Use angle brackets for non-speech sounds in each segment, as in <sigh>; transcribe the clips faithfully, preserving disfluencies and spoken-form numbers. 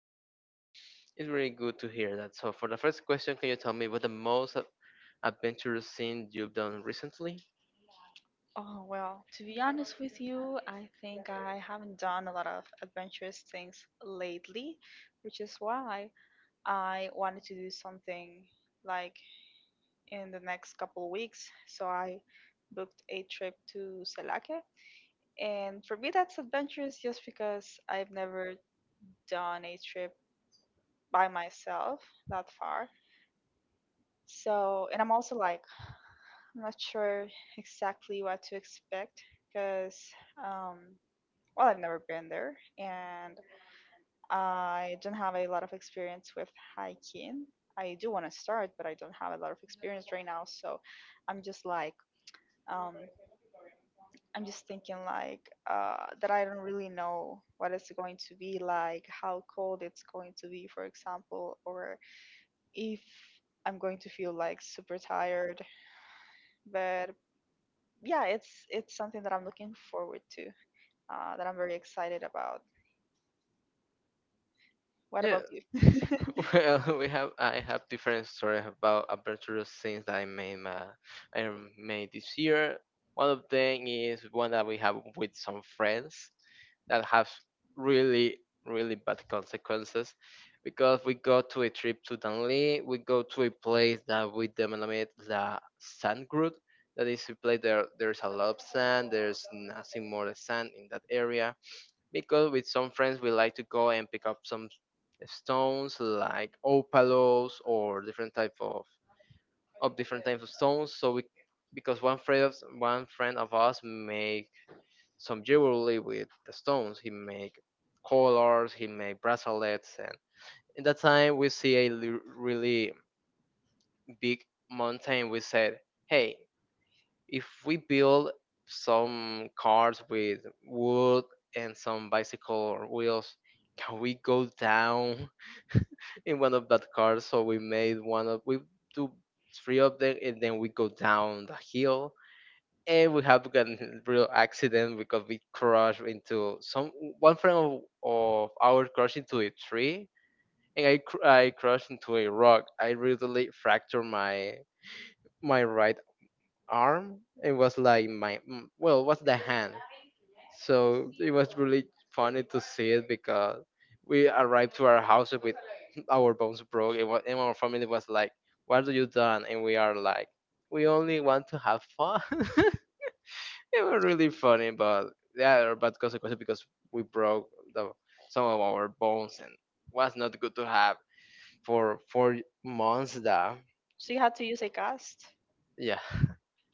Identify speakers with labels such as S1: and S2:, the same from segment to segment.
S1: with you.
S2: It's really good to hear that. So, for the first question, can you tell me what the most ad- adventurous thing you've done recently?
S1: Oh, well, to be honest with you, I think I haven't done a lot of adventurous things lately, which is why I wanted to do something like in the next couple weeks. So I booked a trip to Salake. And for me, that's adventurous just because I've never done a trip by myself that far. So, and I'm also like I'm not sure exactly what to expect because, um, well, I've never been there and I don't have a lot of experience with hiking. I do want to start, but I don't have a lot of experience right now. So I'm just like, um, I'm just thinking like uh, that I don't really know what it's going to be like, how cold it's going to be, for example, or if I'm going to feel like super tired. But yeah, it's it's something that I'm looking forward to. uh, that I'm very excited about. What
S2: Yeah.
S1: about you?
S2: <laughs> Well, we have I have different stories about adventurous things that I made, uh, I made this year. One of them is one that we have with some friends that have really really bad consequences because we go to a trip to Danley, we go to a place that we denominate the sand group. That is a place there there's a lot of sand, there's nothing more than sand in that area because with some friends we like to go and pick up some stones like opalos or different type of of different types of stones, so we because one friend of one friend of us make some jewelry with the stones, he make collars, he make bracelets. And in that time we see a l- really big mountain. We said, hey, if we build some cars with wood and some bicycle wheels, can we go down <laughs> in one of that cars? So we made one of we do three of them, and then we go down the hill, and we have gotten <laughs> real accident because we crashed into some one friend of, of ours crashed into a tree, and I cr- I crashed into a rock. I really fractured my my right arm. It was like my mm, well, it was the hand. So it was really funny to see it because we arrived to our house with <laughs> our bones broke. It was, and our family was like, "What are you done?" And we are like, "We only want to have fun." <laughs> It was really funny, but yeah, there are bad consequences because we broke the, some of our bones and was not good to have for four months. That
S1: So you had to use a cast.
S2: yeah,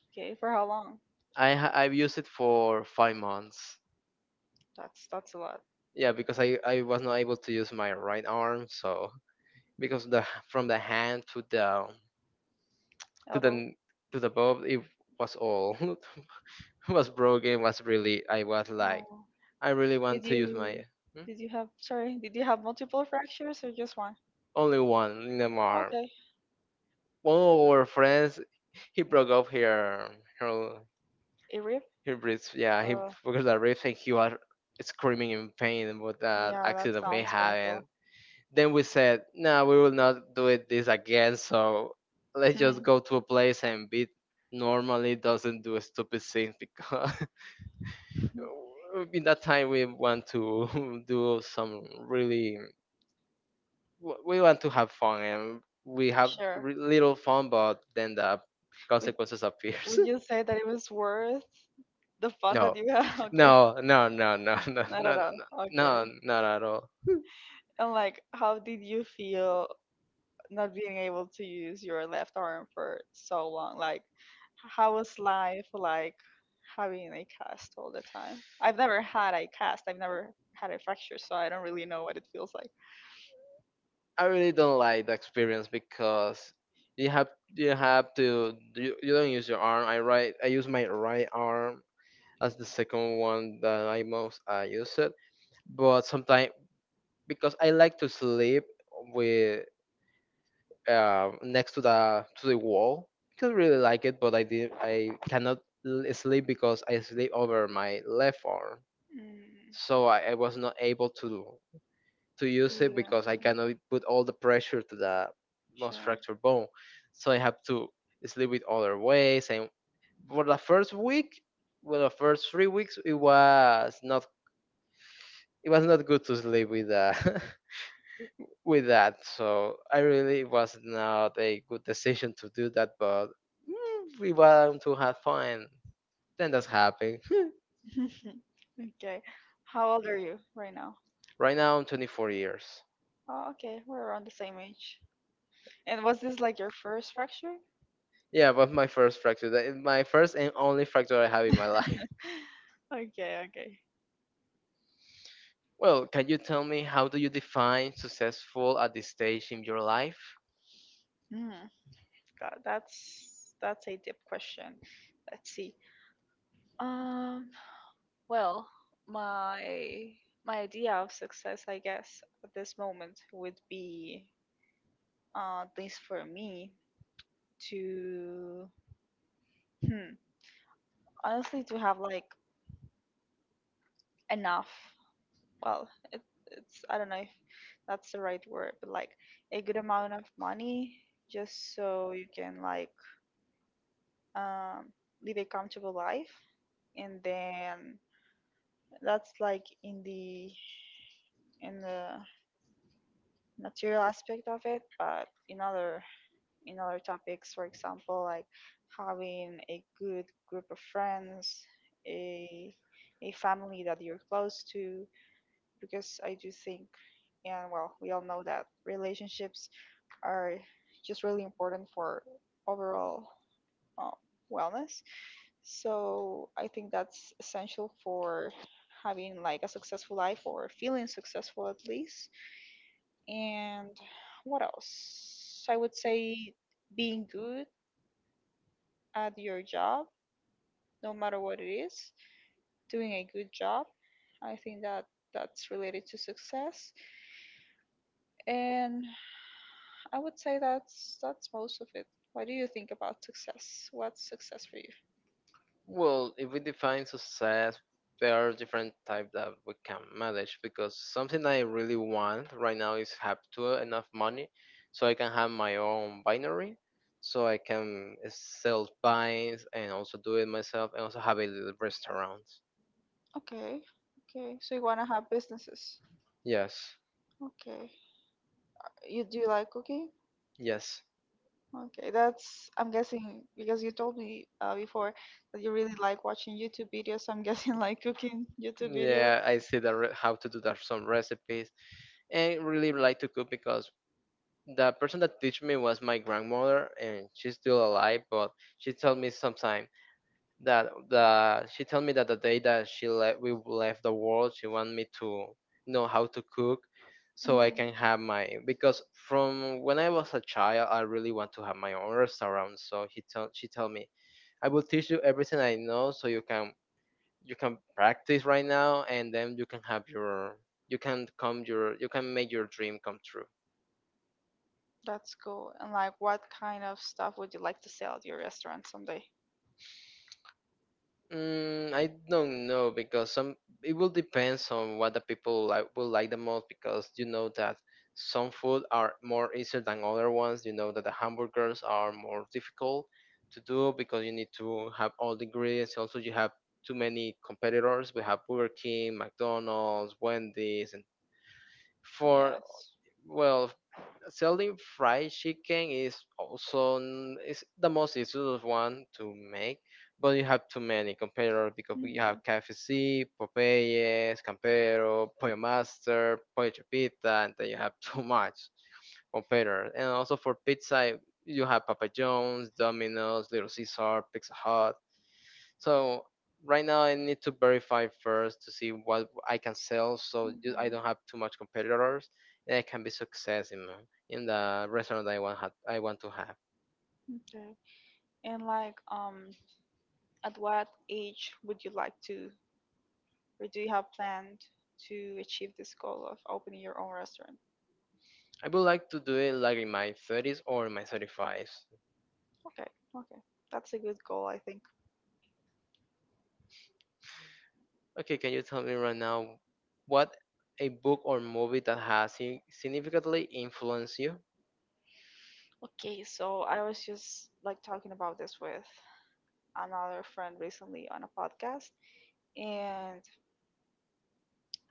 S1: Okay, for how long?
S2: <laughs> I ha- I've used it for five months.
S1: That's that's a lot.
S2: Yeah, because I, I was not able to use my right arm, so because the from the hand to the to
S1: Elbow.
S2: the to the bulb, it was all <laughs> was broken. Was really I was like
S1: Oh.
S2: I really
S1: Did
S2: want to use my.
S1: you
S2: Hmm?
S1: did you have sorry, did you have multiple fractures or just one?
S2: Only one in the arm.
S1: Okay.
S2: One of our friends, he broke off her her
S1: A rib?
S2: her ribs. Yeah, he
S1: Uh,
S2: broke the ribs and he was screaming in pain about that
S1: yeah, that
S2: accident we
S1: sounds
S2: had.
S1: painful.
S2: Then we said, no, we will not do it this again. So let's just
S1: Hmm.
S2: go to a place and beat. Normally doesn't do stupid things because <laughs> in that time we want to <laughs> do some really w- we want to have fun and we have
S1: Sure.
S2: re- little fun, but then the
S1: Would
S2: consequences appears.
S1: would you say that it was worth the
S2: <laughs>
S1: fun
S2: No,
S1: that you had? <laughs> Okay.
S2: no, no, no, no, no, no,
S1: Not
S2: no,
S1: at all.
S2: no,
S1: Okay.
S2: no, not at all.
S1: And like, how did you feel not being able to use your left arm for so long like h- how was life like having a cast all the time. I've never had a cast. I've never had a fracture, so I don't really know what it feels like.
S2: I really don't like the experience because you have you have to you, you don't use your arm. I right I use my right arm as the second one that I most uh, use it. But sometimes because I like to sleep with, uh, next to the to the wall because I really like it, but I did I cannot l- sleep because I sleep over my left arm,
S1: Mm,
S2: so I, I was not able to. To use it
S1: yeah,
S2: because I cannot put all the pressure to the most
S1: sure.
S2: fractured bone. So I have to sleep with other ways. And for the first week, well, the first three weeks, it was not it was not good to sleep with that <laughs> with that. So I really it was not a good decision to do that, but mm, we want to have fun. Then that's happened. <laughs>
S1: <laughs> Okay, how old are you right now?
S2: Right now I'm twenty-four years.
S1: Oh, okay, we're around the same age. And was this like your first fracture?
S2: Yeah, but my first fracture, that- is my first and only fracture I have in my <laughs> life.
S1: <laughs> Okay, okay.
S2: Well, can you tell me how do you define successful at this stage in your life?
S1: Mm. God, that's that's a deep question. Let's see. Um, well, my my idea of success, I guess, at this moment would be, uh, at least for me, to hmm, honestly to have like enough. Well, it, it's I don't know if that's the right word, but like a good amount of money, just so you can like um live a comfortable life, and then that's like in the in the material aspect of it, but in other in other topics, for example, like having a good group of friends, a a family that you're close to, because I do think, and well, we all know that relationships are just really important for overall um, wellness. So I think that's essential for having like a successful life or feeling successful at least. And what else? I would say being good at your job, no matter what it is, doing a good job. I think that that's related to success. And I would say that's that's most of it. What do you think about success? What's success for you?
S2: Well, if we define success, there are different types that we can manage because something I really want right now is have to enough money so I can have my own binary, so I can sell binds and also do it myself and also have a little restaurant.
S1: Okay. Okay. So you wanna have businesses.
S2: Yes,
S1: Okay. You do you like cooking?
S2: yes.
S1: Okay, that's, I'm guessing, because you told me uh, before that you really like watching YouTube videos. I'm <laughs> guessing like cooking YouTube videos.
S2: Yeah, I see that re- how to do that some recipes and really like to cook because the person that teach me was my grandmother and she's still alive, but she told me sometime that the she told me that the day that she left we left the world, she wanted me to know how to cook so I
S1: Mhm.
S2: can have my because from when I was a child I really want to have my own restaurant. So he told she told me I will teach you everything I know so you can you can practice right now and then you can have your you can come your you can make your dream come true.
S1: That's cool. And like, what kind of stuff would you like to sell at your restaurant someday?
S2: Mm, I don't know because some it will depends on what the people like will like the most because you know that some food are more easier than other ones. You know that the hamburgers are more difficult to do because you need to have all the ingredients. Also, you have too many competitors. We have Burger King, McDonald's, Wendy's, and for
S1: Yes.
S2: well selling fried chicken is also n- is the most easiest one to make, but you have too many competitors because we have
S1: Mhm.
S2: K F C, Popeyes, Campero, Pollo Master, Pollo Chipita, and then you have <laughs> too much competitors. And also for pizza, you have Papa John's, Domino's, Little Caesar, Pizza Hut, so right now I need to verify first to see what I can sell, so ju- I
S1: Mhm.
S2: don't have too much competitors, and I can be success in my- in the restaurant that I want ha- I want to have.
S1: Okay. And like, um, at what age would you like to, or do you have planned to achieve this goal of opening your own restaurant?
S2: I would like to do it like in my thirties or in my thirty-fives.
S1: Okay, okay. That's a good goal, I think.
S2: Okay, can you tell me right now what a book or movie that has si- significantly influenced you?
S1: Okay, so I was just like talking about this with another friend recently on a podcast, and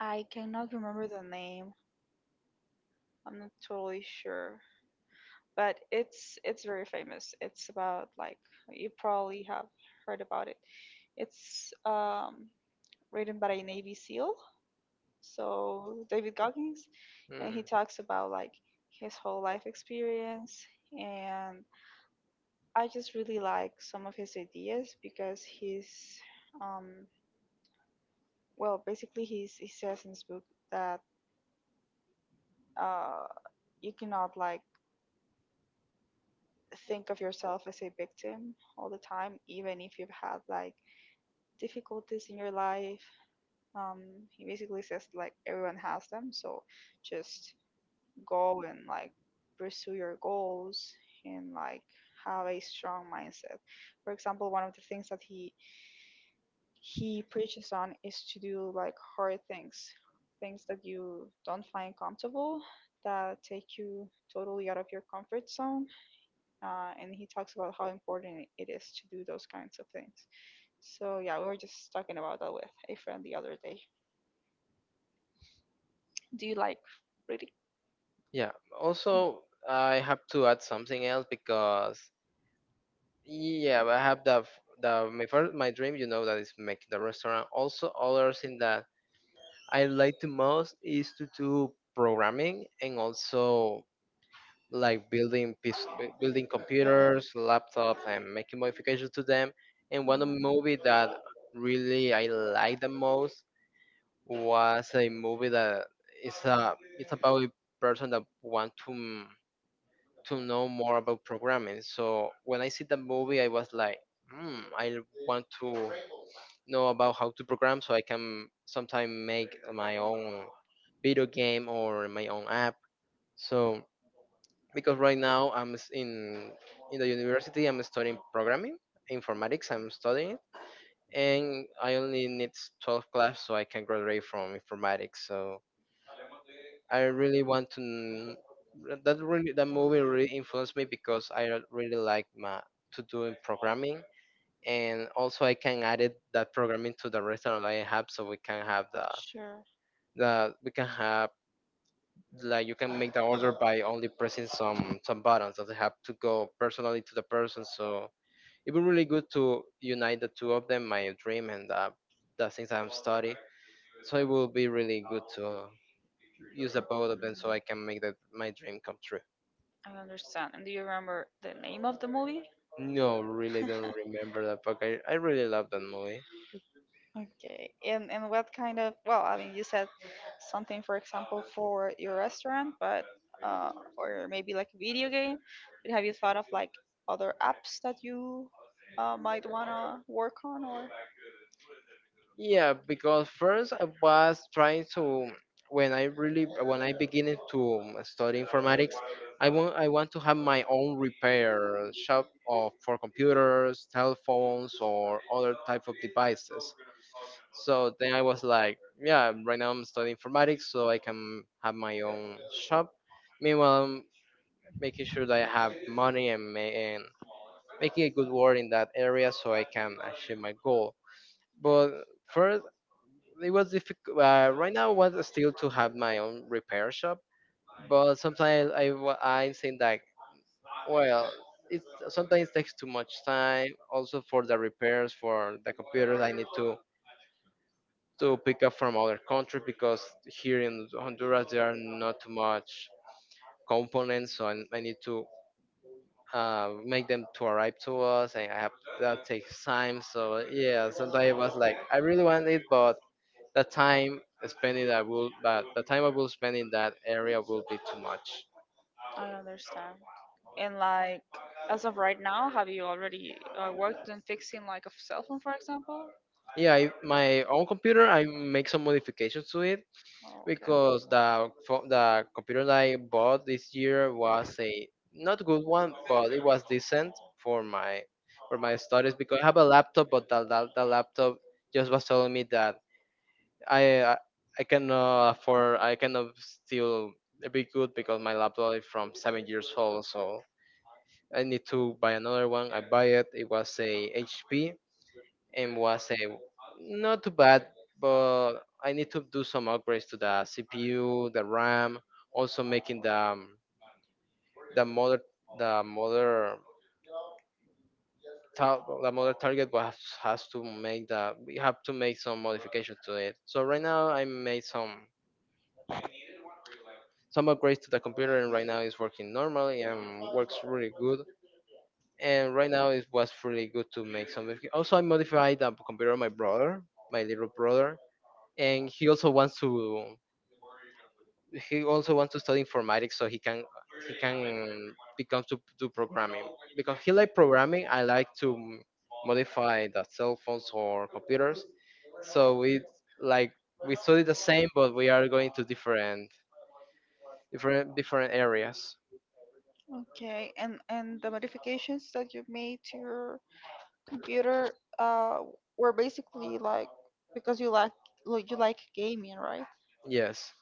S1: I cannot remember the name. I'm not totally sure, but it's it's very famous. It's about like you probably have heard about it. It's um written by a Navy SEAL, so David Goggins, and
S2: Hmm.
S1: he talks about like his whole life experience. And I just really like some of his ideas because he's, um, well, basically he's, he says in his book that uh, you cannot like think of yourself as a victim all the time, even if you've had like difficulties in your life. Um, he basically says like everyone has them, so just go and like pursue your goals and like have a strong mindset. For example, one of the things that he he preaches on is to do like hard things, things that you don't find comfortable, that take you totally out of your comfort zone. Uh, and he talks about how important it is to do those kinds of things. So yeah, we were just talking about that with a friend the other day. Do you like reading?
S2: Yeah. Also, I have to add something else because yeah, but I have the f- the my first my dream, you know, that is make the restaurant. Also, other thing that I like the most is to do programming and also like building piece, bu- building computers, laptops, and making modifications to them. And one of the
S1: Mhm.
S2: movie that really I liked the most was a movie that is a it's about a person that want to to know more about programming. So when I see the movie, I was like, hmm, I want to know about how to program so I can sometime make my own video game or my own app. So because right now I'm s- in in the university, I'm studying programming, informatics. I'm studying it, and I only need twelve class so I can graduate from informatics. So I really want to n- that really that movie really influenced me because I really like my to doing programming. And also I can add it that programming to the restaurant I have so we can have the
S1: Sure.
S2: the we can have like you can make the order by only pressing some some buttons doesn't have to go personally to the person. So it'd be really good to unite the two of them, my dream and the, the things I'm studying, so it will be really good to use the both of them so I
S1: Mm,
S2: can make that my dream come true.
S1: I understand. And do you remember the name of the movie?
S2: No, really don't remember that, but I, I really love that movie.
S1: Okay. And and what kind of well, I mean, you said something, for example, for your restaurant, but uh, or maybe like a video game. But have you thought of like other apps that you uh, might wanna work on, or
S2: Yeah, because first I was trying to when I really when I beginning to study informatics, I want I want to have my own repair shop of for computers, telephones, or other type of devices. So then I was like, yeah, right now I'm studying informatics, so I can have my own shop. Meanwhile, I'm making sure that I have money and, ma- and making a good work in that area so I can achieve my goal. But first, it was difficult. Uh, right now, I want still to have my own repair shop, but sometimes I wa- I'm saying that well, it sometimes takes too much time. Also for the repairs for the computers, I need to to pick up from other countries because here in Honduras there are not too much components, so I, I need to uh, make them to arrive to us, and I have that takes time. So yeah, sometimes it was like I really want it, but the time spent it, I will, but the time I will spend in that area will be too much.
S1: I understand. And like as of right now, have you already uh, worked on fixing like a cell phone, for example?
S2: Yeah, I, my own computer, I make some modifications to it
S1: Oh, okay.
S2: because the pho- the computer that I bought this year was a not good one, but it was decent for my for my studies because I have a laptop, but the, the, the laptop just was telling me that I I can uh, afford I can uh, still be good because my laptop is from seven years old, so I need to buy another one. I buy it. It was a H P and was a not too bad, but I need to do some upgrades to the C P U, the RAM, also making the um, the mother the mother ta- the mother target was has to make the we have to make some modifications to it. So right now I made some Some upgrades to the computer, and right now it's working normally and works really good. And right now it was really good to make some. modifi- Also, I modified the computer of my brother, my little brother, and he also wants to. he also wants to study informatics so he can he can become to do programming because he like programming. I like to m- modify the cell phones or computers. So we like we study the same, but we are going to different different different areas.
S1: Okay. And and the modifications that you've made to your computer uh were basically like because you like like, you like gaming right?
S2: Yes.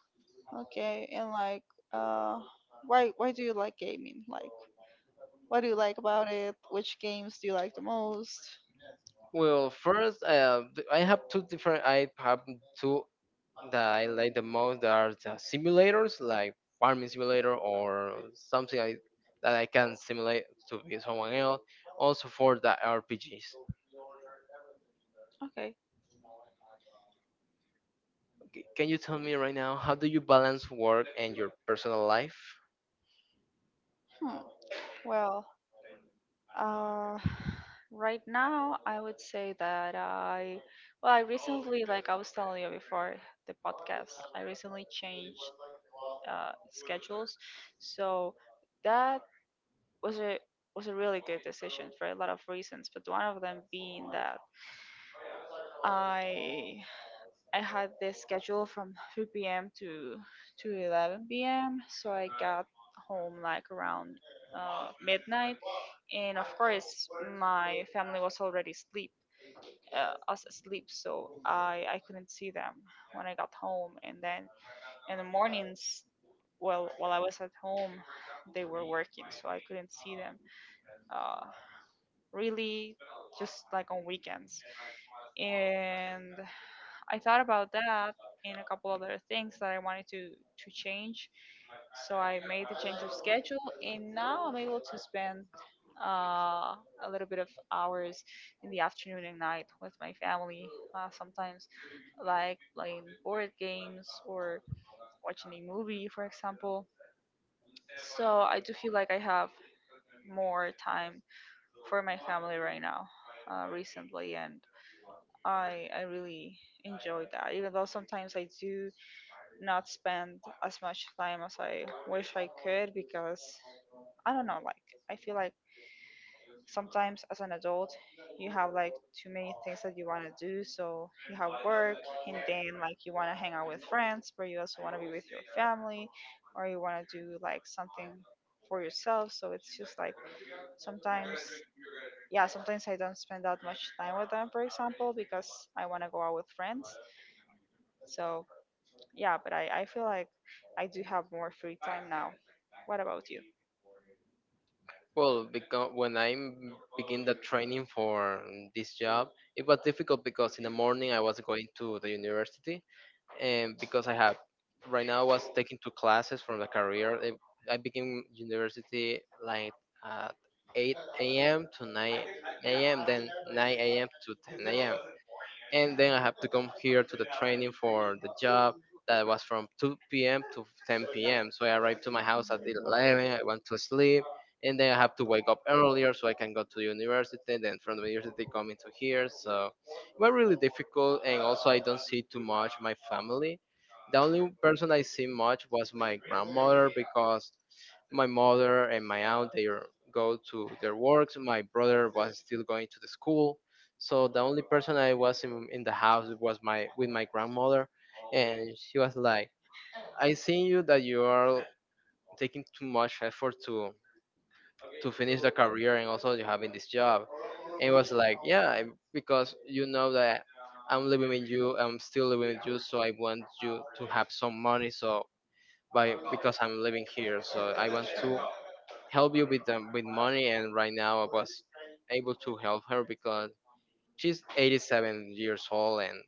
S1: Okay, and like uh why why do you like gaming like what do you like about it, which games do you like the most?
S2: Well, first, uh, th- I have two different. I have two that I like the most. That are the simulators, like farming simulator or something I, that I can simulate to be someone else. Also for the R P Gs.
S1: Okay.
S2: C- Can you tell me right now how do you balance work and your personal life?
S1: Hmm. Well, uh right now I would say that I well I recently, like I was telling you before the podcast, I recently changed uh schedules, so that was a was a really good decision for a lot of reasons, but one of them being that I I had this schedule from three p m to to eleven p m. So I got home like around uh, midnight, and of course my family was already asleep, uh, us asleep. So I I couldn't see them when I got home, and then in the mornings well while I was at home they were working so I couldn't see them uh, really just like on weekends and I thought about that and a couple other things that I wanted to to change. So I made the change of schedule, and now I'm able to spend uh, a little bit of hours in the afternoon and night with my family. Uh, sometimes, like playing board games or watching a movie, for example. So I do feel like I have more time for my family right now, uh, recently, and. I I really enjoy that, even though sometimes I do not spend as much time as I wish I could because I don't know, like I feel like sometimes as an adult you have like too many things that you want to do, so you have work and then like you want to hang out with friends but you also want to be with your family or you want to do like something for yourself, so it's just like sometimes yeah sometimes I don't spend that much time with them for example because I want to go out with friends so yeah but I, I feel like I do have more free time now. What about you?
S2: Well, because when I begin the training for this job, it was difficult because in the morning I was going to the university, and because I have right now I was taking two classes from the career. I I became university like at eight a m to nine a m, then nine a m to ten a.m., and then I have to come here to the training for the job that was from two p m to ten p m. So I arrived to my house at eleven. I went to sleep, and then I have to wake up earlier so I can go to the university. Then from the university come into here, so it was really difficult. And also I don't see too much my family. The only person I see much was my grandmother because my mother and my aunt they are- go to their works. My brother was still going to the school, so the only person I was in, in the house was my with my grandmother, and she was like, "I seen you that you are taking too much effort to to finish the career, and also you having this job." And it was like, "Yeah, I- because you know that I'm living with you, I'm still living with you, so I want you to have some money. So by because I'm living here, so I want to help you with them with money." And right now I was able to help her because she's eighty-seven years old. And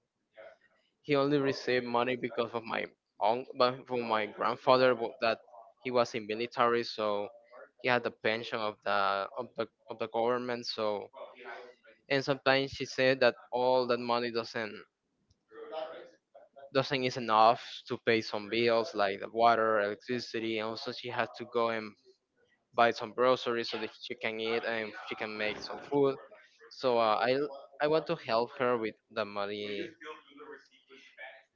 S2: he only received money because of my uncle, but from my grandfather wa- that he was in military, so he had the pension of the of the of the government. So and sometimes she said that all that money doesn't doesn't is enough to pay some bills like the water, electricity, and also she had to go and buy some groceries so that she can eat and she can make some food. So uh, I I want to help her with the money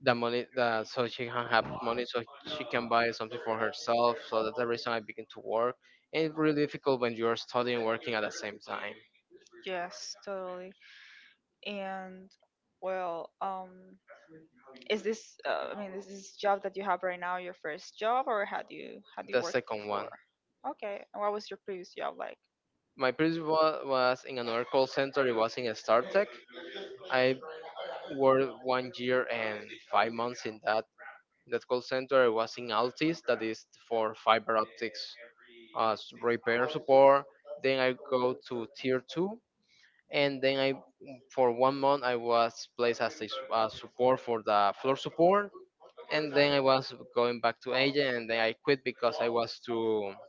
S2: the money that so she can have money so she can buy something for herself. So that's the reason I begin to work, and it's really difficult when you are studying and working at the same time.
S1: Yes, totally. And well um is this uh, I mean is this job that you have right now your first job or had you had you
S2: The
S1: worked
S2: second
S1: before?
S2: one.
S1: Okay, and what was your previous job like?
S2: My previous one was in another call center. It was in a startech. I worked one year and five months in that that call center. It was in altis, that is for fiber optics, uh, s- repair support. Then I go to tier two, and then I for one month I was placed as a su- uh, support for the floor support, and then I was going back to agent, and then I quit because I was too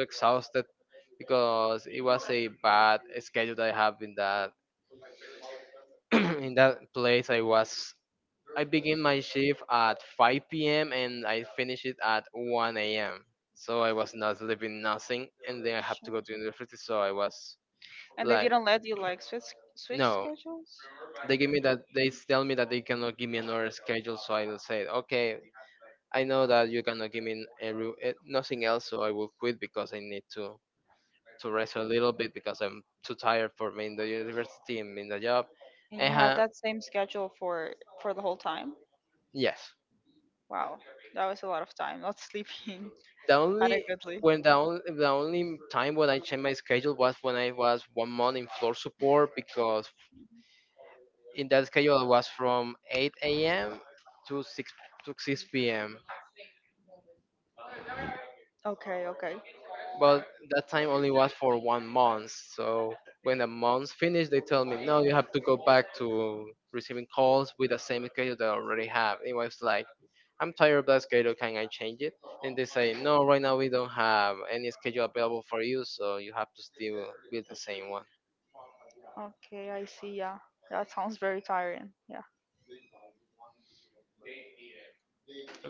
S2: too exhausted because it was a bad schedule that I have in that <clears throat> in that place. I was I begin my shift at five p m and I finish it at one a m. So I was not sleeping nothing, and then I have to
S1: Sure.
S2: go to university. So I was
S1: And they
S2: like,
S1: didn't let you like switch switch
S2: no,
S1: schedules?
S2: they give me that they tell me that they cannot give me another schedule, so I will say okay, I know that you cannot give me every, eh, nothing else, so I will quit because I need to to rest a little bit because I'm too tired for me in the university and in the job,
S1: And you
S2: and
S1: had
S2: uh,
S1: that same schedule for for the whole time?
S2: yes.
S1: Wow, that was a lot of time not sleeping
S2: The
S1: <laughs>
S2: only
S1: adequately.
S2: when the only, the only time when I changed my schedule was when I was one month in floor support because in that schedule I was from eight a.m. to six to six p.m.
S1: Okay, okay.
S2: But that time only was for one month. So when the month finished, they tell me, no, you have to go back to receiving calls with the same schedule that I already have. It was like, I'm tired of that schedule. Can I change it? And they say, no, right now we don't have any schedule available for you, so you have to still with the same one.
S1: Okay, I see. Yeah, that sounds very tiring. Yeah.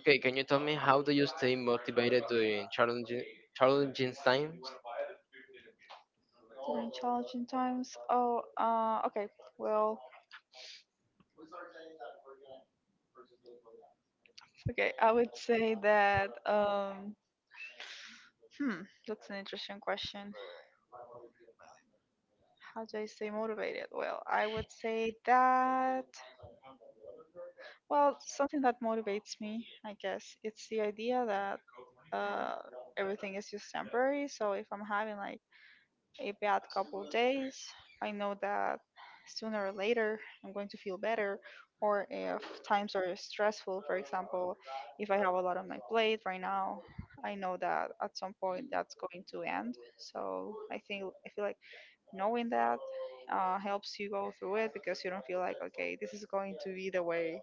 S2: Okay, can you tell me how do you stay motivated during challenging challenging times?
S1: During challenging times. Oh, uh, okay. Well, okay. I would say that. Um, hmm, that's an interesting question. How do I stay motivated? Well, I would say that. Well, something that motivates me, I guess, it's the idea that uh, everything is just temporary. So if I'm having like a bad couple days, I know that sooner or later I'm going to feel better. Or if times are stressful, for example, if I have a lot on my plate right now, I know that at some point that's going to end. So I think I feel like knowing that uh, helps you go through it because you don't feel like okay, this is going to be the way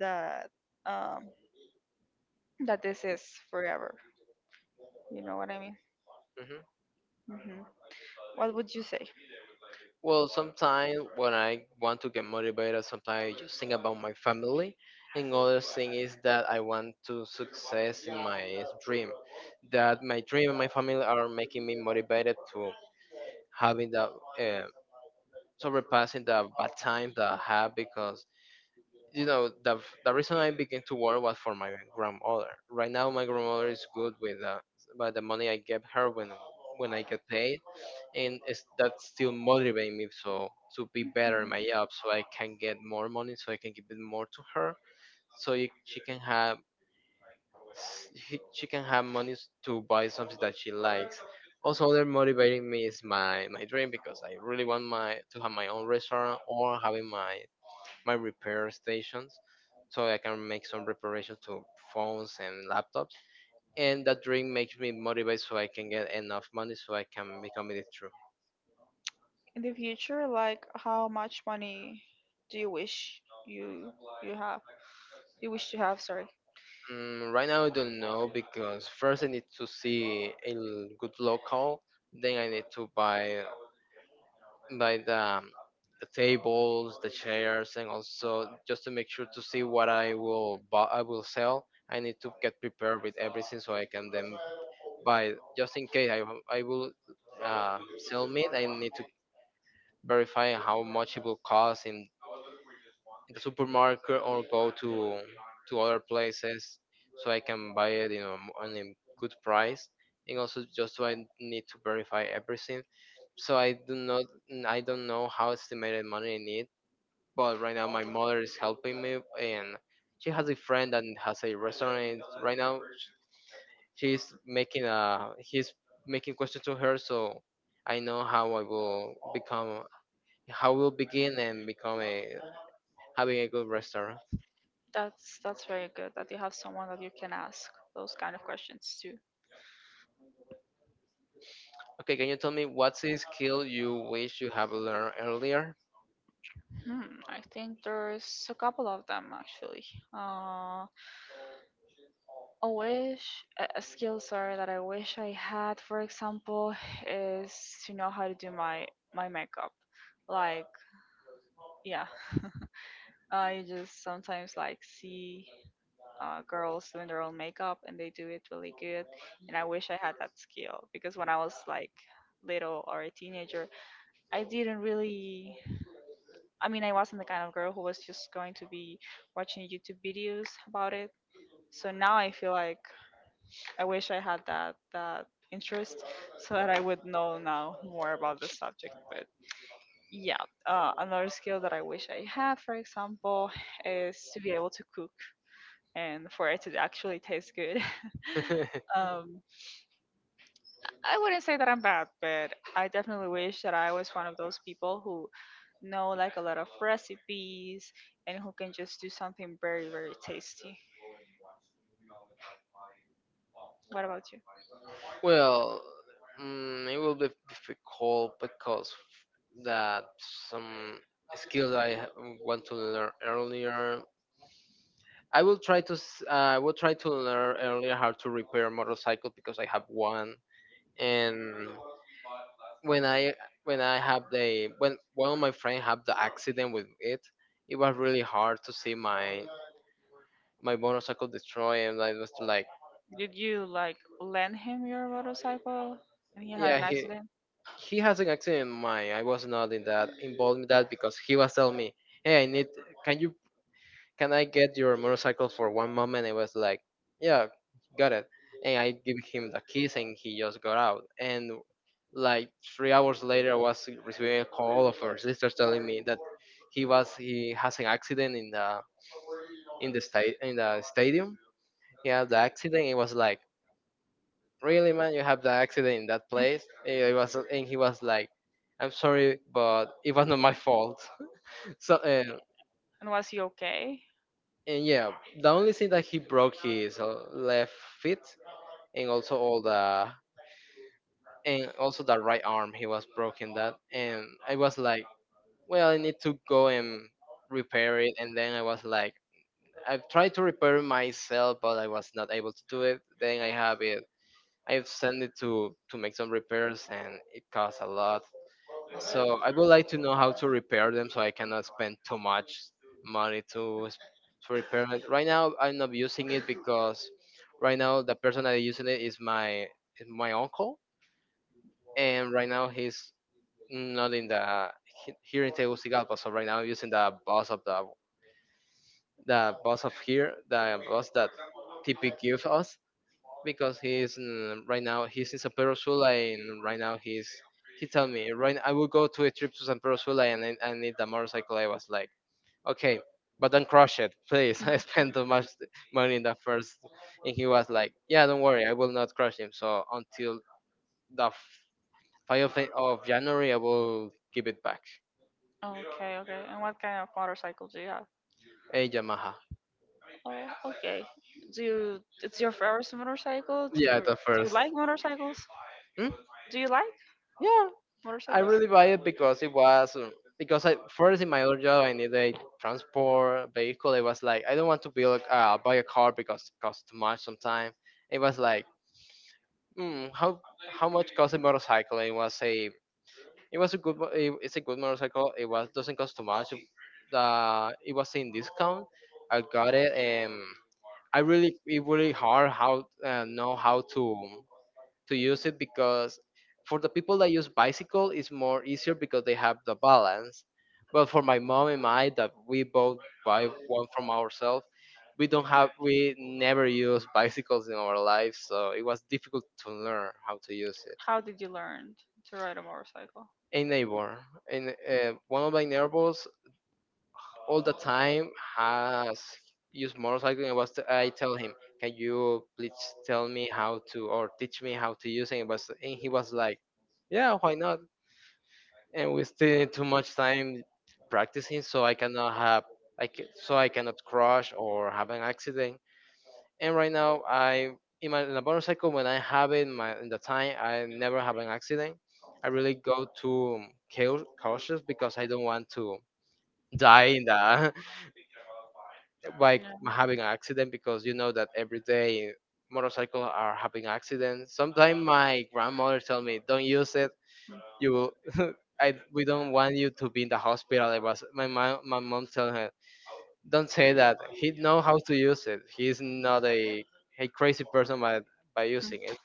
S1: that um, that this is forever. You know what I mean?
S2: Mm-hmm.
S1: Hmm. What would you say?
S2: Well, sometimes when I want to get motivated, sometimes I just think about my family. And other thing is that I want to success in my dream. That my dream and my family are making me motivated to having that, uh, surpassing the bad time that I have because you know the the reason I began to work was for my grandmother. Right now, my grandmother is good with, uh, by the money I give her when when I get paid, and it's, that's still motivating me so to be better in my job so I can get more money so I can give it more to her, so you, she can have s- he- she can have money to buy something that she likes. Also other motivating me is my my dream because I really want my to have my own restaurant or having my my repair stations so I can make some reparations to phones and laptops, and that dream makes me motivated so I can get enough money so I can become it true.
S1: In the future, like how much money do you wish you you have you wish to have sorry?
S2: Mm, right now I don't know because first I need to see a l- good local, then I need to buy buy the, um, the tables, the chairs, and also just to make sure to see what I will buy, I will sell. I need to get prepared with everything so I can then buy. Just in case I w- I will uh, sell meat, I need to verify how much it will cost in in the supermarket or go to to other places so I can buy it, you know, m- on a good price. And also just so I need to verify everything so I do not n- I don't know how estimated money I need, but right now my mother is helping me, and she has a friend that has a restaurant, and right now sh- she's making a he's making questions to her, so I know how I will become how will begin and become a having a good restaurant.
S1: that's that's very good that you have someone that you can ask those kind of questions to.
S2: Okay, can you tell me what's a skill you wish you have learned earlier?
S1: Hmm, I think there's a couple of them actually. Uh a wish a, a skill sorry that I wish I had, for example, is to know how to do my my makeup, like yeah. I just sometimes like see uh, girls doing their own makeup and they do it really good. And I wish I had that skill because when I was like little or a teenager, I didn't really. I mean, I wasn't the kind of girl who was just going to be watching YouTube videos about it. So now I feel like I wish I had that that interest so that I would know now more about the subject. But yeah, uh, another skill that I wish I had, for example, is to be able to cook, and for it to actually taste good.
S2: <laughs>
S1: <laughs> um, I wouldn't say that I'm bad, but I definitely wish that I was one of those people who know, like, a lot of recipes and who can just do something very, very tasty. What about you?
S2: Well, mm, it will be difficult because that some skills I ha- want to learn earlier. I will try to s- uh, I will try to learn earlier how to repair a motorcycle because I have one. And when I when I have the when one of my friends had the accident with it, it was really hard to see my my motorcycle destroyed, and I was like,
S1: Did you like lend him your motorcycle and he had
S2: yeah,
S1: an
S2: he
S1: accident?
S2: he has an accent in mind. I was not in that involved in that because he was telling me, "Hey, I need, can you, can I get your motorcycle for one moment?" I was like, yeah, got it. And I give him the keys and he just got out and, like, three hours later I was receiving a call of her sister telling me that he was he has an accident in the in the state in the stadium. He had the accident. It was like, really, man, you have the accident in that
S1: <laughs>
S2: place? Eh, it was, and he was like, "I'm sorry, but it was not my fault." <laughs> So, and,
S1: And was he okay?
S2: and yeah, the only thing that he broke his uh, left foot, and also all the and also the right arm. He was broken that, and I was like, well, I need to go and repair it. And then I was like, I've tried to repair it myself, but I was not able to do it. Then I have it, I've sent it to to make some repairs, and it costs a lot. So I would like to know how to repair them so I cannot spend too much money to s- to repair it. Right now I'm not using it because right now the person that is using it is my is my uncle, and right now he's not in the he- here in Tegucigalpa. So right now I'm using the bus of the the bus of here, the bus that T P gives us, because he's, mm, right now he's in San Pedro Sula, and right now he's, he tell me, right, I will go to a trip to San Pedro Sula and I, I need the motorcycle. I was like, okay, but don't crush it, please. <laughs> I
S1: <laughs>
S2: spent too much money in the first, and he was like, yeah, don't worry, I will not crush him. So until the five of of January, I will give it back.
S1: Okay, okay. And what kind of motorcycle do you have?
S2: A Yamaha.
S1: Oh, okay. Do you, it's your first motorcycle? Do you,
S2: Yeah, the
S1: do you
S2: first.
S1: like motorcycles?
S2: Hmm?
S1: Do you like
S2: Yeah, I
S1: motorcycles?
S2: really buy it because it was um, because I first in my old job I needed a transport vehicle. It was like, I don't want to build, uh, buy a car because it costs too much sometimes. It was like, mm, how how much cost a motorcycle? It was a, it was a good mo- it, it's a good motorcycle. It was doesn't cost too much. The, it was in discount. I got it, and I really, it really hard how, uh, know how to to use it, because for the people that use bicycle it's more easier because they have the balance, but for my mom and I that we both buy one from ourselves, we don't have, we never use bicycles in our lives, so it was difficult to learn how to use it.
S1: How did you learn to ride a motorcycle?
S2: A neighbor, and uh, one of my neighbors, all the time has used motorcycle, and was t- I tell him, can you please tell me how to, or teach me how to use it? And, was, and he was like, yeah, why not? And we spend too much time practicing so I cannot have, i can, so I cannot crash or have an accident. And right now I, in my, in a motorcycle, when I have it in my, in the time, I never have an accident. I really go to cau- cautious because I don't want to die in the <laughs> by
S1: Yeah.
S2: having an accident, because you know that every day motorcycles are having accidents. Sometimes my grandmother tell me, don't use it,
S1: Mm.
S2: you, <laughs> I, we don't want you to be in the hospital. It was my mom. My mom telling her, "Don't say that. He know how to use it. He's not a a crazy person by by
S1: Mm.
S2: using it."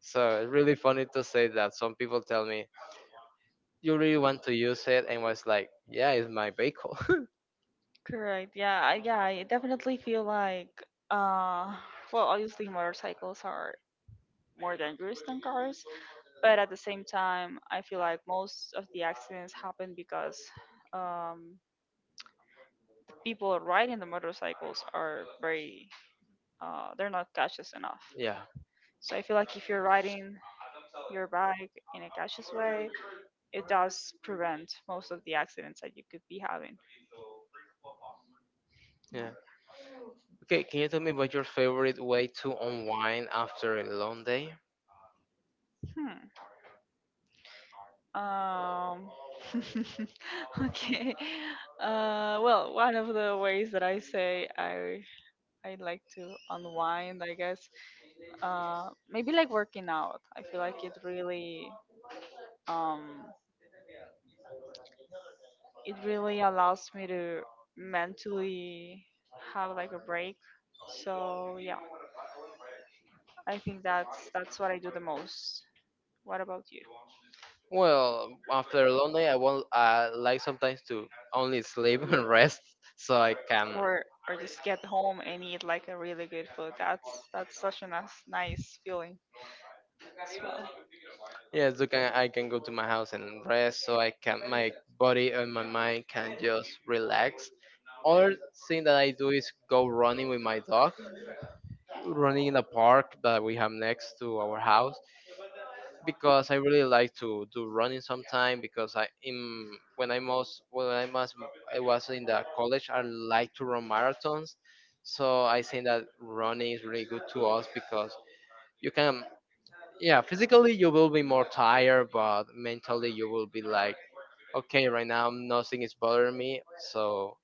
S2: So it's really funny to say that. Some people tell me, "You really want to use it?" And I was like, "Yeah, it's my vehicle."
S1: Correct. Yeah. I- Yeah. I definitely feel like, uh, well, obviously motorcycles are more dangerous than cars, but at the same time, I feel like most of the accidents happen because, um, people riding the motorcycles are very, uh, they're not cautious enough.
S2: <laughs> Yeah,
S1: So I feel like if you're riding your bike in a cautious way, it does prevent most of the accidents that you could be having. No.
S2: yeah. Okay, can you tell me about your favorite way to unwind after a long day?
S1: Hmm. Um. <laughs> Okay. Uh. Well, one of the ways that I say I I like to unwind, I guess. Uh. Maybe like working out. I feel like it really um it really allows me to mentally have like a break. So yeah, I think that's that's what I do the most. What about you?
S2: Well, after a long day, I will, uh, like sometimes to only sleep <laughs> and rest, so I can.
S1: Or or just get home and eat like a really good food. That's that's such a nice, nice feeling as well.
S2: Yeah, so can, I can go to my house and rest, so I can, my body and my mind can just relax. Other thing that I do is go running with my dog, running in the park that we have next to our house, because I really like to do running sometime. Because I, in when I, most when I was, I was in the college, I like to run marathons, so I think that running is really good to us, because you can, yeah, physically you will be more tired, but mentally you will be like, okay, right now nothing is bothering me, so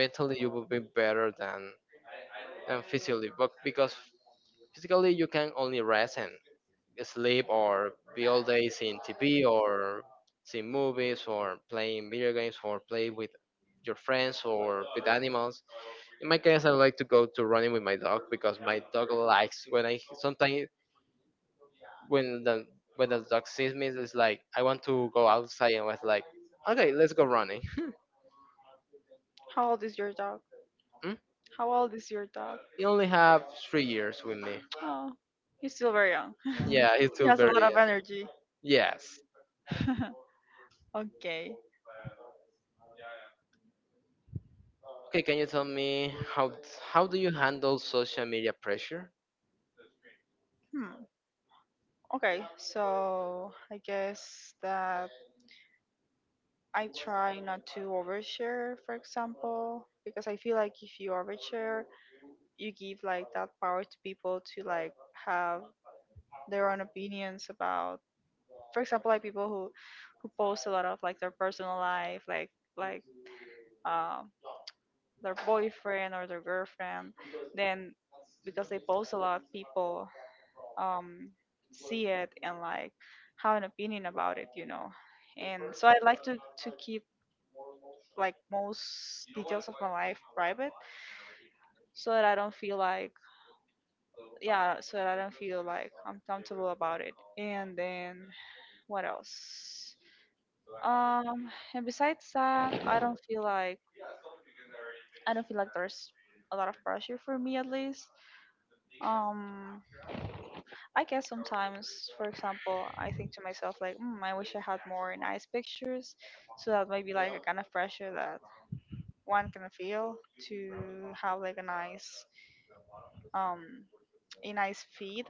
S2: mentally you will be better than than physically, but because physically you can only rest and sleep, or be all day seeing T V, or seeing movies, or playing video games, or play with your friends or with animals. In my case, I like to go to running with my dog because my dog likes when I sometimes, when the when the dog sees me, it's like, I want to go outside, and was like, okay, let's go running.
S1: How old is your dog?
S2: <laughs>
S1: How old is your dog?
S2: He only have three years with me.
S1: Oh, he's still very young. <laughs>
S2: Yeah, he's
S1: He
S2: still
S1: has a lot
S2: very
S1: of
S2: young.
S1: energy.
S2: Yes.
S1: <laughs> Okay.
S2: Okay, can you tell me how how do you handle social media pressure?
S1: Hmm. Okay. So I guess that I try not to overshare, for example, because I feel like if you overshare, you give like that power to people to like have their own opinions about, for example, like people who who post a lot of like their personal life, like like um their boyfriend or their girlfriend, then because they post a lot, people, um, see it and like have an opinion about it, you know. And so I like to, to keep like most details of my life private so that I don't feel like yeah, so that I don't feel like I'm comfortable about it. And then what else? Um, and besides that, I don't feel like I don't feel like there's a lot of pressure for me at least. Um, I guess sometimes, for example, I think to myself like, mm, I wish I had more nice pictures, so that might be like a kind of pressure that one can feel to have like a nice, um, a nice feed.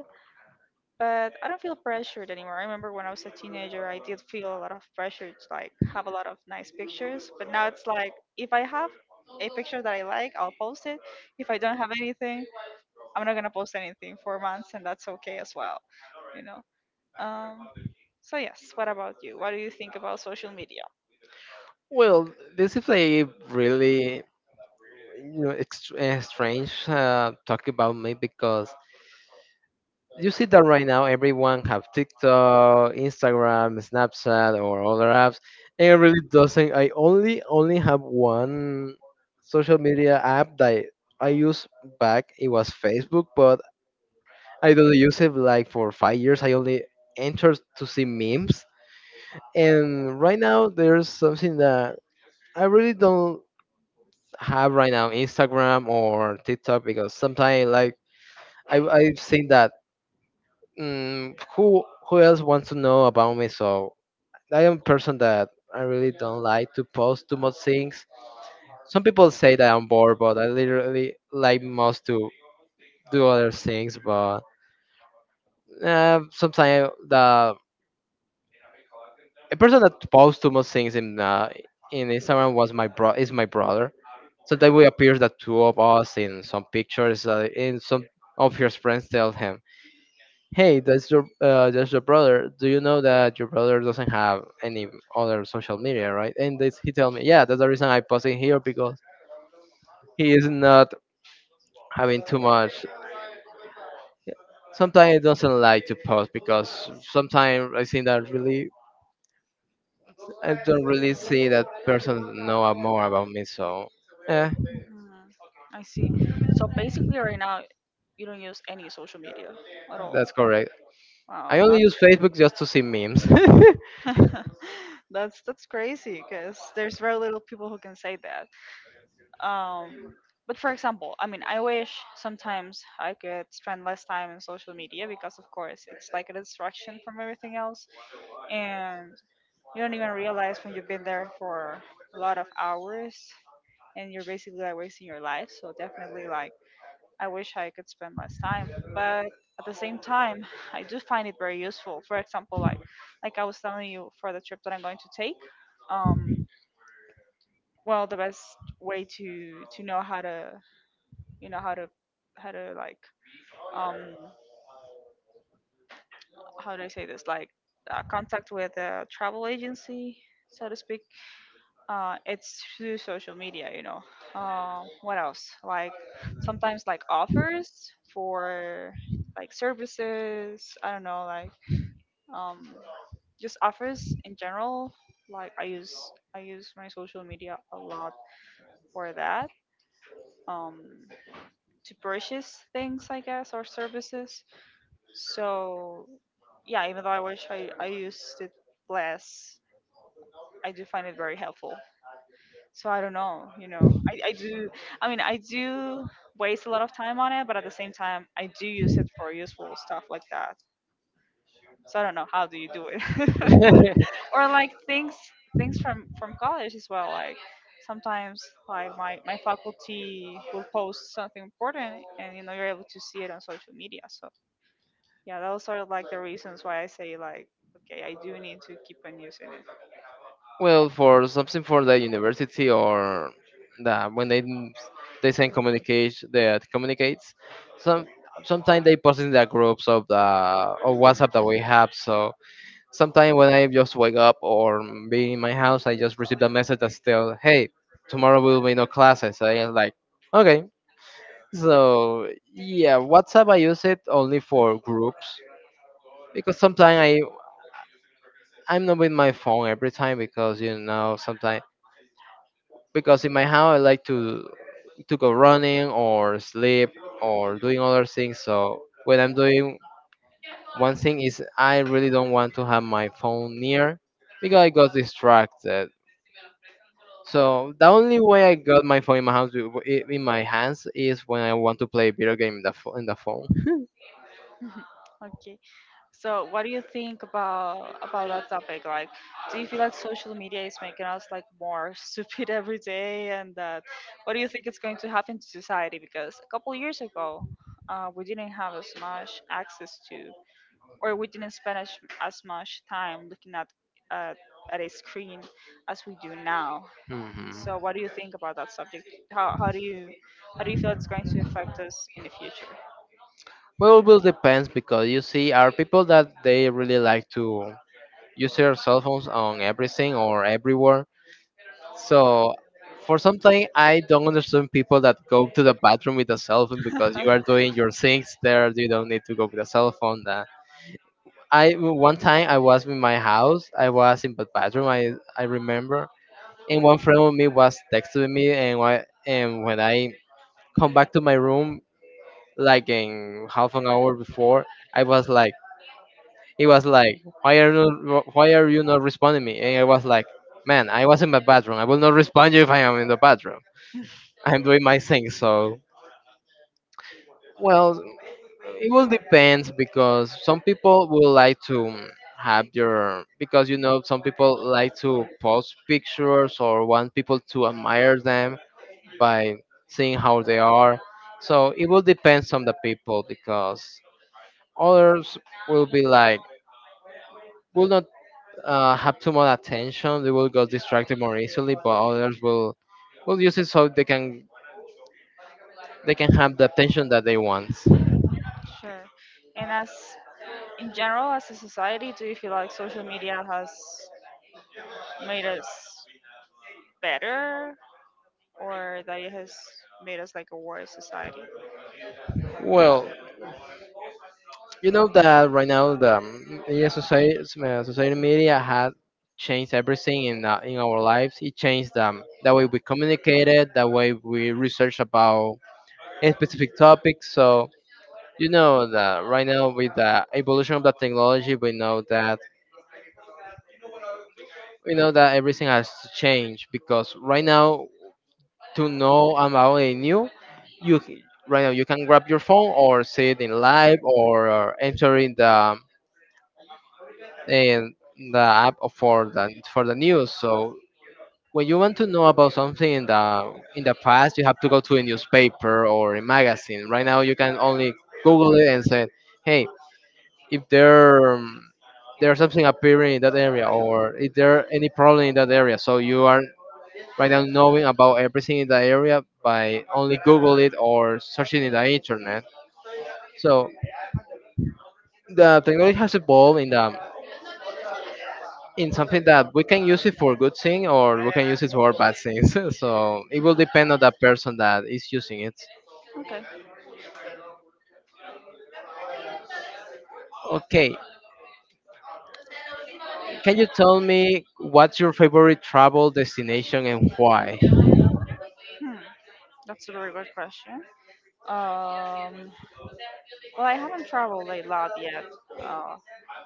S1: But I don't feel pressured anymore. I remember when I was a teenager, I did feel a lot of pressure to like have a lot of nice pictures. But now it's like if I have a picture that I like, I'll post it. If I don't have anything, I'm not gonna post anything for months, and that's okay as well. You know. Um, so yes, what about you? What do you think about social media?
S2: Well, this is a really, you know, ext- uh, strange uh, talk about me, because you see that right now everyone have TikTok, Instagram, Snapchat, or other apps. And it really doesn't. I only only have one social media app that I use back. It was Facebook, but I don't use it like for five years. I only entered to see memes. And right now, there's something that I really don't have right now, Instagram or TikTok, because sometimes, like, I, I've seen that, mm, who who else wants to know about me? So I am a person that I really don't like to post too much things. Some people say that I'm bored, but I literally like most to do other things. But, uh, sometimes the, a person that posts too much things in, uh, in Instagram was my bro, is my brother. Sometimes we appear the two of us in some pictures. Uh, in some of your friends tell him, "Hey, that's your, uh, that's your brother. Do you know that your brother doesn't have any other social media, right?" And this, he tell me, "Yeah, that's the reason I post it here, because he is not having too much." Sometimes he doesn't like to post because sometimes I think that really I don't really see that person know more about me, so. eh,
S1: Mhm. I see. So basically, right now, you don't use any social media at all.
S2: That's correct.
S1: Wow,
S2: I only use Facebook just to see memes.
S1: <laughs> that's that's crazy because there's very little people who can say that. Um, but for example, I mean, I wish sometimes I could spend less time on social media because, of course, it's like a distraction from everything else, and you don't even realize when you've been there for a lot of hours, and you're basically like wasting your life. So definitely, like I wish I could spend less time, but at the same time, I do find it very useful. For example, like like I was telling you for the trip that I'm going to take, um, well, the best way to to know how to you know how to how to like um how do I say this, like uh, contact with a travel agency, so to speak. Uh it's through social media, you know. Uh, what else, like sometimes like offers for like services, I don't know, like um, just offers in general. Like I use I use my social media a lot for that, um, to purchase things, I guess, or services. So yeah, even though I wish I I used it less, I do find it very helpful. So I don't know, you know, I, I do. I mean, I do waste a lot of time on it, but at the same time, I do use it for useful stuff like that. So I don't know. How do you do it? <laughs>
S2: <laughs>
S1: Or like things things from from college as well, like sometimes like my my faculty will post something important, and you know you're able to see it on social media. So yeah, those are like the reasons why I say like okay, I do need to keep on using it.
S2: Well, for something for the university, or the when they they send communication that communicates, some, sometimes they post in the groups of the, of WhatsApp that we have. So sometimes when I just wake up or be in my house, I just receive a message that still, hey, tomorrow will be no classes. I am like, okay. So yeah, WhatsApp I use it only for groups, because sometimes I'm not with my phone every time, because, you know, sometimes because in my house I like to to go running or sleep or doing other things. So when I'm doing one thing is, I really don't want to have my phone near because I got distracted. So the only way I got my phone in my house, w- i- in my hands is when I want to play video game in the pho- in the phone.
S1: <laughs> Okay. So, what do you think about about that topic? Like, do you feel like social media is making us like more <laughs> stupid every day, and that what do you think is going to happen to society? Because a couple years ago, uh, we didn't have as much access to, or we didn't spend as, as much time looking at uh, at a screen as we do now.
S2: Hmm.
S1: So, what do you think about that subject? How how do you how do you feel it's going to affect us in the future?
S2: Well, it will depends because you see, are people that they really like to use their cell phones on everything or everywhere. So, for some time, I don't understand people that go to the bathroom with a cell phone, because you
S1: <laughs>
S2: are doing your things there. You don't need to go with a cell phone. That, I one time I was in my house. I was in the bathroom. I I remember, and one friend of me was texting me, and why, and when I come back to my room, like in half an hour before, I was like, it was like, why are you, why are you not responding me? And I was like, man, I was in my bathroom, I will not respond you if I am in the bathroom, I'm doing my thing. So, well, it will depend because some people will like to have your, because you know, some people like to post pictures or want people to admire them by seeing how they are. So it will depend on the people, because others will be like, will not, uh, have too much attention. They will get distracted more easily, but others will, will use it so they can, they can have the attention that they want.
S1: Sure. And as in general, as a society, do you feel like social media has made us better or that it has made us like a worse society?
S2: Well, you know that right now the, um, yeah, society, uh, society media has changed everything in, uh, in our lives. It changed, um, the way we communicated, the way we research about a specific topic. So, you know that right now with the evolution of the technology, we know that we know that everything has to change because right now, to know about a new, you c- right now you can grab your phone or see it in live, or, or enter in the in the app for the for the news. So when you want to know about something in the in the past, you have to go to a newspaper or a magazine. Right now you can only Google it and say, "Hey, if there um, there's something appearing in that area, or if there any problem in that area?" So you are right now knowing about everything in the area by only google it or searching in the internet. So the technology has evolved in the in something that we can use it for good thing, or we can use it for bad things. <laughs> So it will depend on the person that is using it.
S1: Okay.
S2: Okay, can you tell me what's your favorite travel destination and why?
S1: Hmm. That's a very good question. Um, well, I haven't traveled a lot yet. Uh,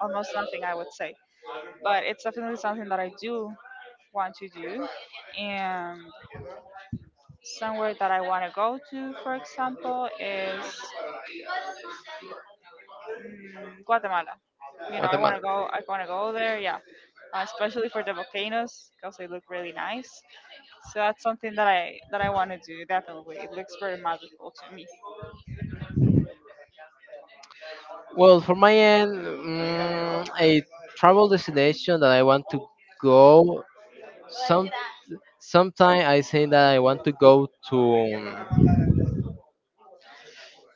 S1: almost nothing, I would say. But it's definitely something that I do want to do. And somewhere that I want to go to, for example, is mm, Guatemala. You know, I want
S2: Guatemala.
S1: to go. I want to go there. Yeah, uh, especially for the volcanoes because they look really nice. So that's something that I that I want to do. Definitely, it looks very magical to me.
S2: Well, for my end, mm, a travel destination that I want to go. Some sometime I say that I want to go to.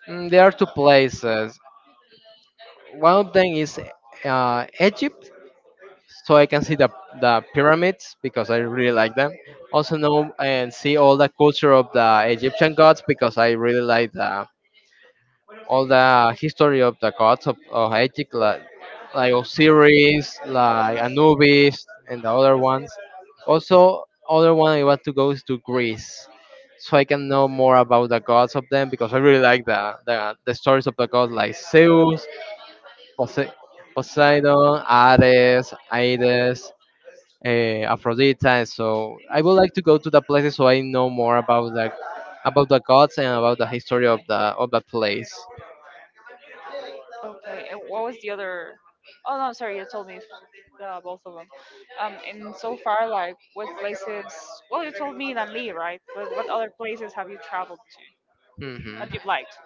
S2: mm, There are two places. One of them is uh, Egypt, so I can see the the pyramids because I really like them. Also know and see all the culture of the Egyptian gods because I really like the all the history of the gods of, of Egypt, like, like Osiris, like Anubis, and the other ones. Also, other one I want to go is to Greece, so I can know more about the gods of them because I really like the the, the stories of the gods like Zeus, Pose- Poseidon, Ares, Hades. Uh, Aphrodite, and so I would like to go to the places so I know more about the about the gods and about the history of the of the place.
S1: Okay, and what was the other? Oh no, sorry, you told me uh, both of them. Um, and so far, like what places? Well, you told me Danli, right? But what other places have you traveled to
S2: Hmm.
S1: that you have liked?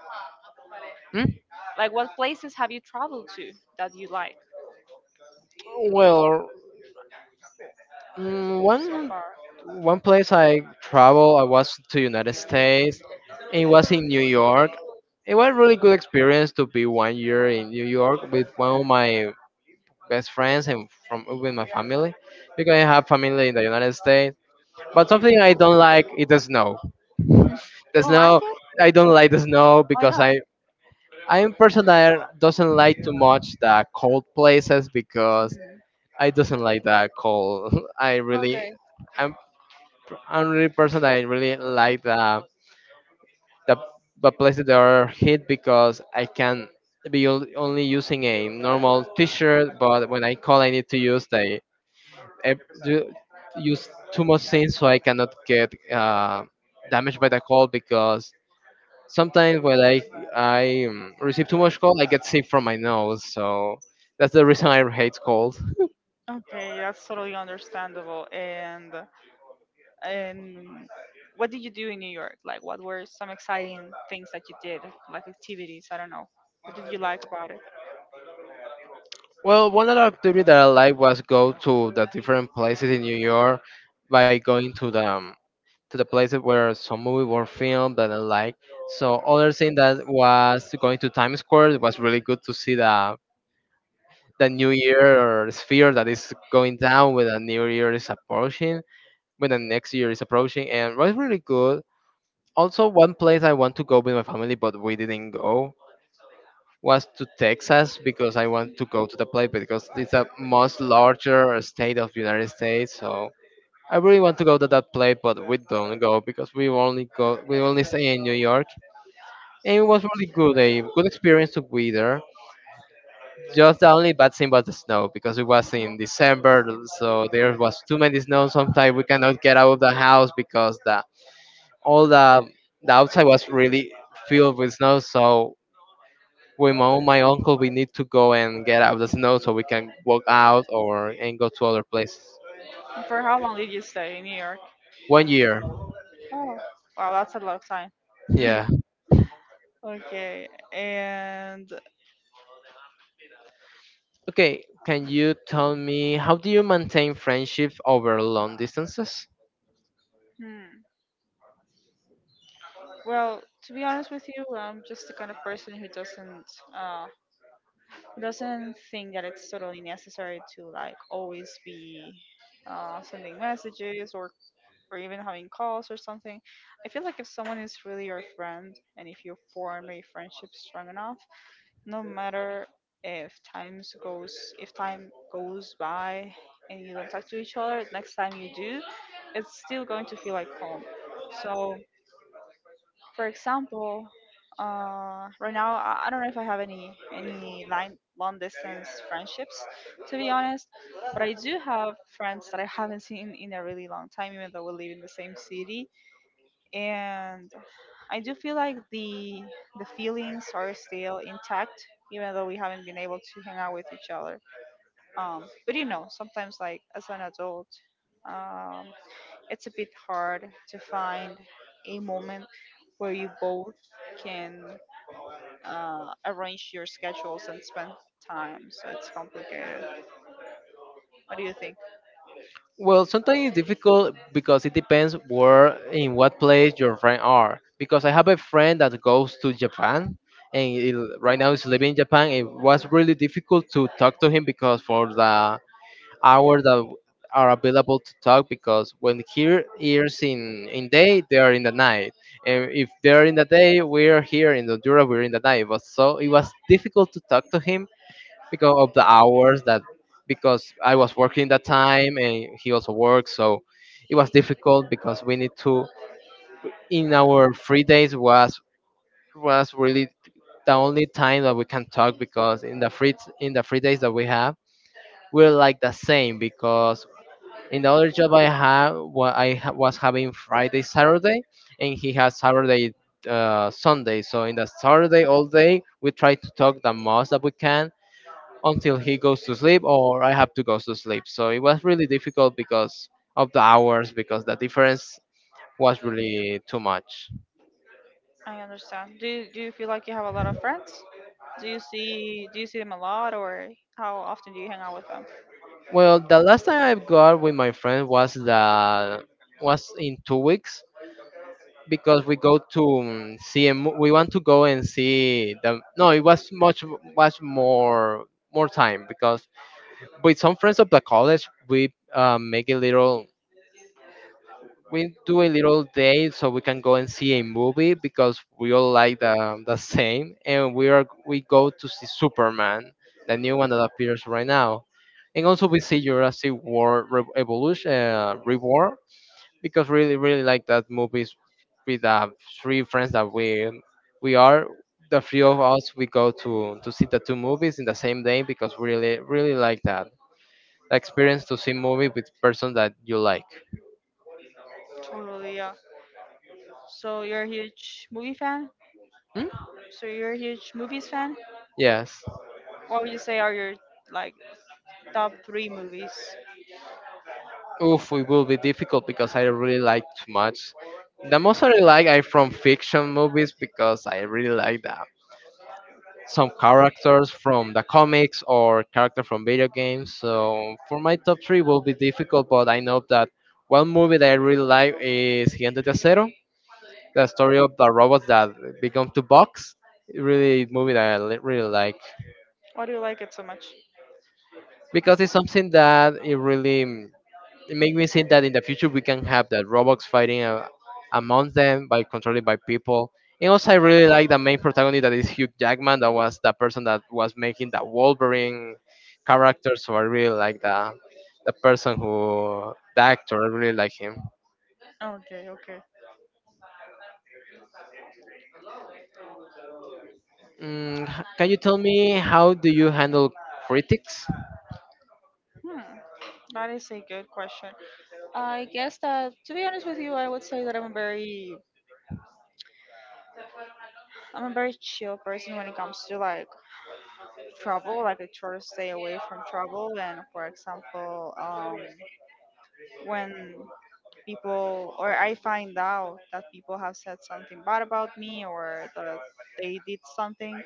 S2: Mm?
S1: Like, what places have you traveled to that you like
S2: Well, mm,
S1: so
S2: one
S1: far?
S2: one place I travel, I was to United States. It was in New York. It was really good experience to be one year in New York with one of my best friends and from with my family because I have family in the United States. But something I don't like is the snow.
S1: You
S2: The
S1: don't like
S2: snow,
S1: it?
S2: I don't like the snow
S1: Why
S2: because
S1: not?
S2: I I'm a person that doesn't like too much the cold places because
S1: Mhm.
S2: I doesn't like the cold. <laughs> I really.
S1: Okay.
S2: I'm. Pr- only person that I really like the the, the places that are hit because I can be ol- only using a normal T-shirt, but when I call, I need to use the I do- use too much things so I cannot get uh, damaged by the cold because sometimes when I I um, receive too much cold, I get sick from my nose. So that's the reason I hate cold.
S1: Okay, that's totally understandable. And and what did you do in New York? Like, what were some exciting things that you did, like activities? I don't know. What did you like about it?
S2: Well, one other activity that I like was go to the different places in New York by going to the um, to the places where some movie were filmed that I like. So other thing that was going to Times Square it was really good to see the the New Year or sphere that is going down with the New Year is approaching, when the next year is approaching, and was really good. Also, one place I want to go with my family, but we didn't go was to Texas because I want to go to the place because it's a much larger state of United States. So I really want to go to that place, but we don't go because we only go we only stay in New York, and it was really good, a good experience to be there. Just the only bad thing was the snow because it was in December, so there was too many snow. Sometimes we cannot get out of the house because the all the the outside was really filled with snow. So with my own, my uncle, we need to go and get out of the snow so we can walk out or and go to other places.
S1: And for how long did you stay in New York?
S2: One year,
S1: Oh. Wow, that's a lot of time. <laughs>
S2: yeah.
S1: Okay, and
S2: Okay, can you tell me how do you maintain friendship over long distances?
S1: hmm, well, to be honest with you, I'm just the kind of person who doesn't uh, who doesn't think that it's totally necessary to like always be uh, sending messages or or even having calls or something. I feel like if someone is really your friend and if you form a friendship strong enough, no matter if times goes if time goes by and you don't talk to each other, next time you do, it's still going to feel like home. So for example, uh, right now I, I don't know if I have any any line, long distance friendships, to be honest. But I do have friends that I haven't seen in a really long time, even though we live in the same city. And I do feel like the the feelings are still intact, even though we haven't been able to hang out with each other. Um, but you know, sometimes like as an adult. Um, it's a bit hard to find a moment where you both can uh, arrange your schedules and spend time. So it's complicated. What do you think?
S2: Well, sometimes it's difficult because it depends where in what place your friend are. Because I have a friend that goes to Japan and he, right now is living in Japan. It was really difficult to talk to him because for the hours that w- are available to talk because when here ears in in day they are in the night, and if they're in the day we're here in the Honduras we're in the night, but so it was difficult to talk to him because of the hours that because I was working that time and he also worked, so it was difficult because we need to in our free days was was really the only time that we can talk because in the free in the free days that we have we're like the same because in the other job I have, what I ha- was having Friday, Saturday, and he has Saturday, uh, Sunday. So in the Saturday all day, we try to talk the most that we can until he goes to sleep or I have to go to sleep. So it was really difficult because of the hours, because the difference was really too much.
S1: I understand. Do you, do you feel like you have a lot of friends? Do you see do you see them a lot, or how often do you hang out with them?
S2: Well, the last time I got with my friend was the was in two weeks because we go to um, see a mo- we want to go and see the no, it was much much more more time because with some friends of the college we uh, make a little we do a little day so we can go and see a movie because we all like the, the same and we are we go to see Superman, the new one that appears right now, and also we see Jurassic World Re- evolution uh, reward because really really like that movies with uh, three friends that we we are the three of us we go to to see the two movies in the same day because we really really like that, the experience to see movie with person that you like.
S1: Totally, yeah. So you're a huge movie fan?
S2: Hmm?
S1: So you're a huge movies fan?
S2: Yes.
S1: What would you say are your like top three movies?
S2: Oof, it will be difficult because I really like too much. The most I really like are from fiction movies because I really like them, some characters from the comics or character from video games. So for my top three will be difficult, but I know that one movie that I really like is Gigante de Acero, the story of the robots that become two box. Really movie that I li- really like
S1: Why do you like it so much?
S2: because it's something that it really mm, it made me think that in the future we can have that robots fighting uh, amongst them by controlling by people. And also, I really like the main protagonist that is Hugh Jackman. That was the person that was making the Wolverine character. So I really like the the person who the actor. I really like him.
S1: Okay, okay.
S2: Mm, h- can you tell me how do you handle critics?
S1: Hmm, that is a good question. I guess that to be honest with you, I would say that I'm a very I'm a very chill person when it comes to like trouble. Like I try to stay away from trouble. And for example, um, when people or I find out that people have said something bad about me or that they did something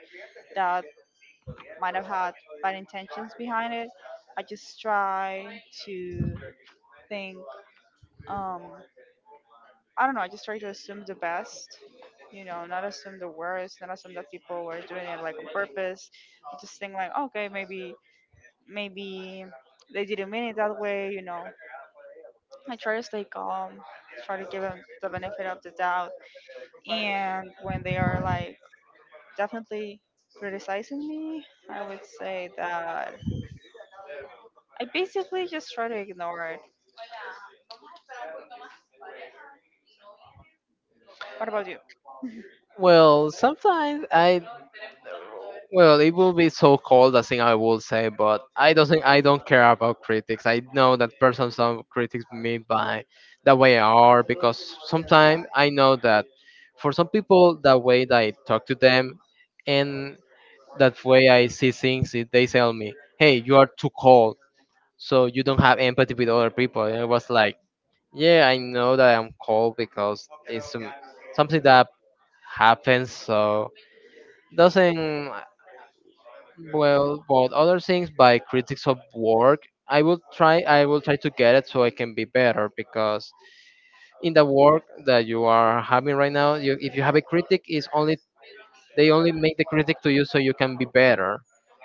S1: that might have had bad intentions behind it. I just try to think, um, I don't know, I just try to assume the best, you know, not assume the worst, not assume that people were doing it like on purpose. I just think like, okay, maybe, maybe they didn't mean it that way, you know. I try to stay calm, try to give them the benefit of the doubt. And when they are like definitely criticizing me, I would say that I basically just try to ignore it. What about you?
S2: Well, sometimes I Well, it will be so cold. I think I will say, but I don't think I don't care about critics. I know that person some critics me by the way I are because sometimes I know that for some people the way that I talk to them and that way I see things, it- they tell me, "Hey, you are too cold, so you don't have empathy with other people." And I was like, "Yeah, I know that I'm cold because it's um, something that happens." So doesn't. Well, but other things by critics of work, i will try i will try to get it so I can be better because in the work that you are having right now you, if you have a critic is only they only make the critic to you so you can be better.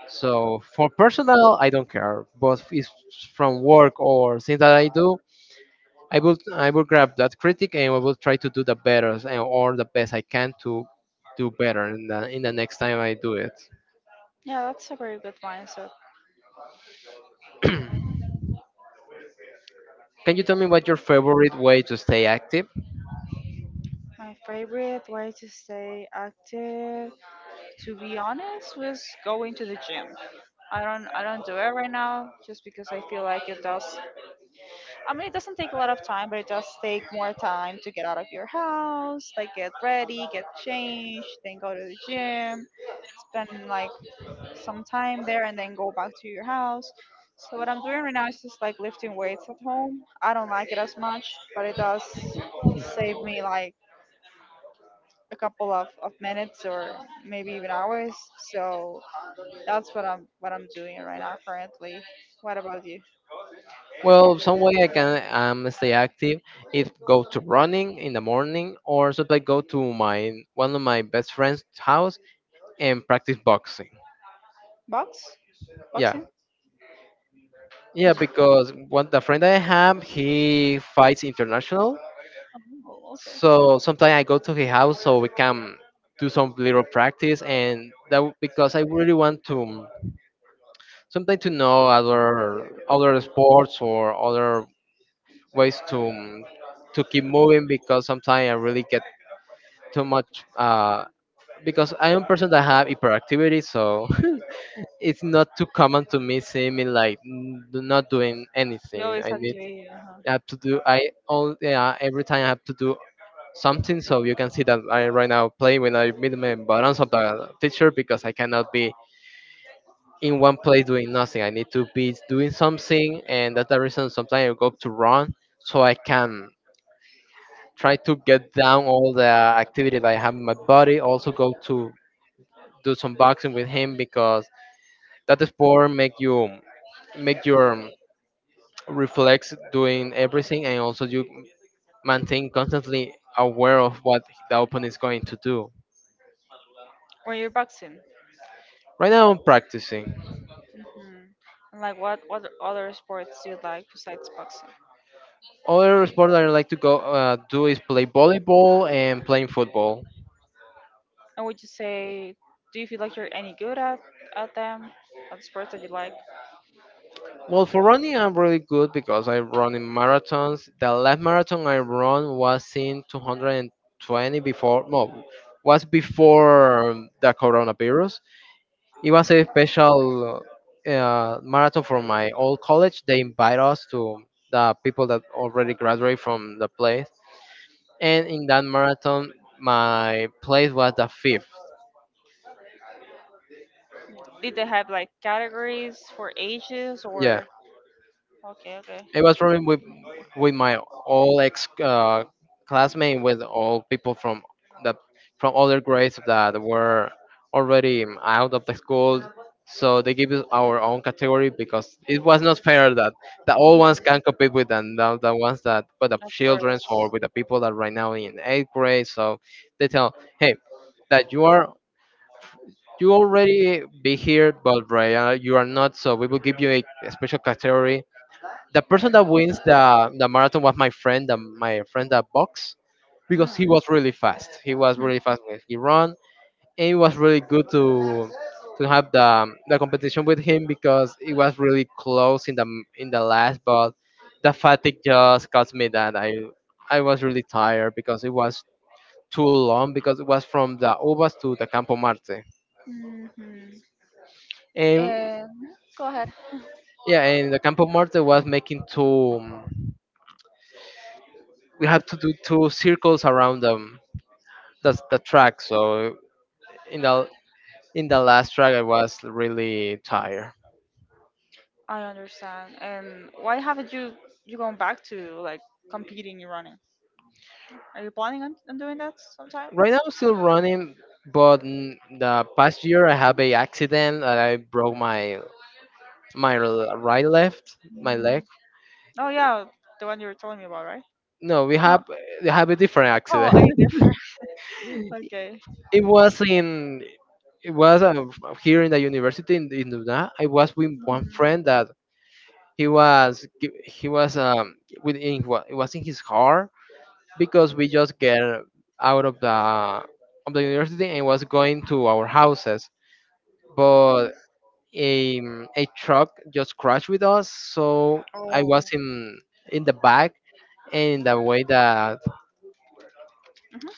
S2: So for personal I don't care, but if it's from work or things that I do, i will i will grab that critic and I will try to do the better and or the best I can to do better in the, in the next time I do it.
S1: Yeah, that's a very good mindset.
S2: Can you tell me what your favorite way to stay active?
S1: My favorite way to stay active, to be honest, was going to the gym. I don't I don't do it right now just because I feel like it does I mean it doesn't take a lot of time, but it does take more time to get out of your house, like get ready, get changed, then go to the gym, spend like some time there and then go back to your house. So what I'm doing right now is just like lifting weights at home. I don't like it as much, but it does save me like a couple of, of minutes or maybe even hours. So that's what I'm what I'm doing right now currently. What about you?
S2: Well, some way I can um, stay active is go to running in the morning, or should I go to my one of my best friend's house and practice boxing?
S1: Box?
S2: Yeah,
S1: Boxing?
S2: yeah, because one the friend I have he fights international,
S1: Oh, okay.
S2: so sometimes I go to his house so we can do some little practice, and that w- because I really want to sometimes to know other other sports or other ways to um, to keep moving because sometimes I really get too much uh, because I am a person that have hyperactivity, so <laughs> it's not too common to me see me like n- do- not doing
S1: You
S2: anything.
S1: always
S2: I
S1: have to
S2: need.
S1: be uh
S2: I have to do. I all Yeah, every time I have to do something. So you can see that I right now play when I meet my buttons of the teacher because I cannot be in one place doing nothing. I need to be doing something, and that's the reason sometimes I go to run so I can try to get down all the activity that I have in my body. Also go to do some boxing with him because that sport make you make your um, reflex doing everything and also you maintain constantly aware of what the opponent is going to do.
S1: when you're boxing.
S2: Right now I'm practicing.
S1: Hmm. And like what what other sports do you like besides boxing?
S2: Other sport that I like to go uh, do is play volleyball and playing football.
S1: And would you say, do you feel like you're any good at at them, at the sports that you like?
S2: Well, for running, I'm really good because I run in marathons. The last marathon I run was in two hundred twenty before, no, was before um, the coronavirus. It was a special uh, marathon for my old college. They invite us to the people that already graduate from the place. And in that marathon, my place was the fifth.
S1: Did they have like categories for ages
S2: Yeah.
S1: or? Okay, okay.
S2: It was probably with with my all ex uh, classmate, with all people from the from other grades that were already out of the school. So they gave us our own category because it was not fair that the old ones can compete with the, the, the ones that with the
S1: Of
S2: childrens or
S1: course.
S2: with the people that right now in eighth grade. So they tell, hey, that you are you already be here, but right, uh, you are not. So we will give you a special category the person that wins the the marathon was my friend, the, my friend that box, because he
S1: Mm.
S2: was really fast. He was really fast when he ran, and it was really good to to have the the competition with him because it was really close in the in the last, but the fatigue just caused me that I I was really tired because it was too long because it was from the Uvas to the Campo Marte.
S1: Mm-hmm.
S2: And
S1: And go ahead. <laughs>
S2: yeah, and the Campo Marte was making two. We had to do two circles around them that's the track. So in the in the last track, I was really tired.
S1: I understand. And why haven't you you gone back to like competing in running? Are you planning on, on doing that sometime?
S2: Right now, I'm still running, but n- the past year I have a accident and I broke my my l- right left my leg.
S1: Mm. Oh yeah, the one you were telling me about, right?
S2: No, we
S1: No.
S2: have we have a different
S1: Oh,
S2: accident.
S1: a
S2: <laughs>
S1: different. <laughs> Okay.
S2: It was in it was uh, here in the university in, in Luna. I was with one friend
S1: Hmm.
S2: that he was gi- he was um within it was in his car because we just get out of the of the university and was going to our houses but a, a truck just crashed with us so I
S1: Oh.
S2: was in in the back and the way that
S1: Mhm.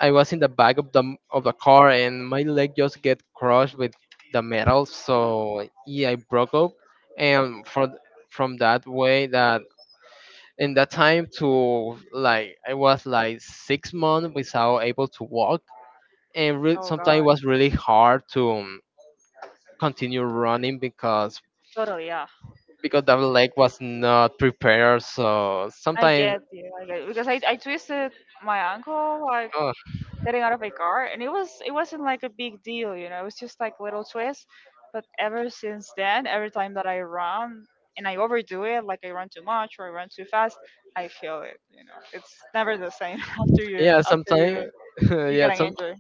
S2: I was in the back of the of the car and my leg just get crushed with the metal so yeah I broke up and from from that way that in that time to like I was like six months without able to walk and re-
S1: Oh
S2: sometimes
S1: god.
S2: it was really hard to um, continue running because
S1: Totally. Yeah.
S2: because that leg was not prepared. So
S1: I
S2: sometimes,
S1: get you. I get you. Because I I twisted my ankle like
S2: uh,
S1: getting out of a car and it was it wasn't like a big deal, you know, it was just like little twist, but ever since then every time that I run and I overdo it, like I run too much or I run too fast, I feel it, you know. It's never the same <laughs> after you
S2: yeah,
S1: after
S2: sometimes,
S1: you
S2: <laughs>
S1: you
S2: yeah,
S1: get an
S2: some
S1: injury.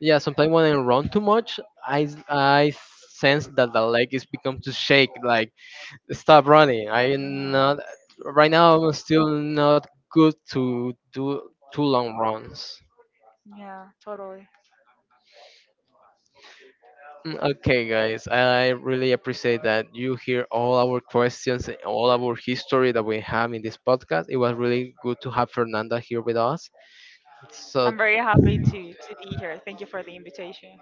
S2: yeah, sometimes when I run too much, I s- I sense that the leg is become to shake. Like stop running. I'm
S1: Mm,
S2: not right now. I'm still not good to do too long runs.
S1: yeah, totally.
S2: Mm, okay, guys, I really appreciate that you hear all our questions and all our history that we have in this podcast. It was really good to have Fernanda here with us. So,
S1: I'm very happy to to be here. Thank you for the invitation.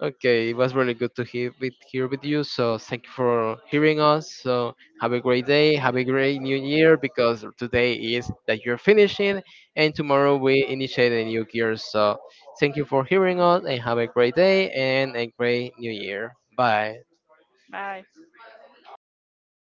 S2: okay, it was really good to hear with here with you. So, thank you for hearing us. So, have a great day, have a great new year because today is that you're finishing, and tomorrow we initiate a new year. So, thank you for hearing us and have a great day and a great new year. Bye.
S1: Bye.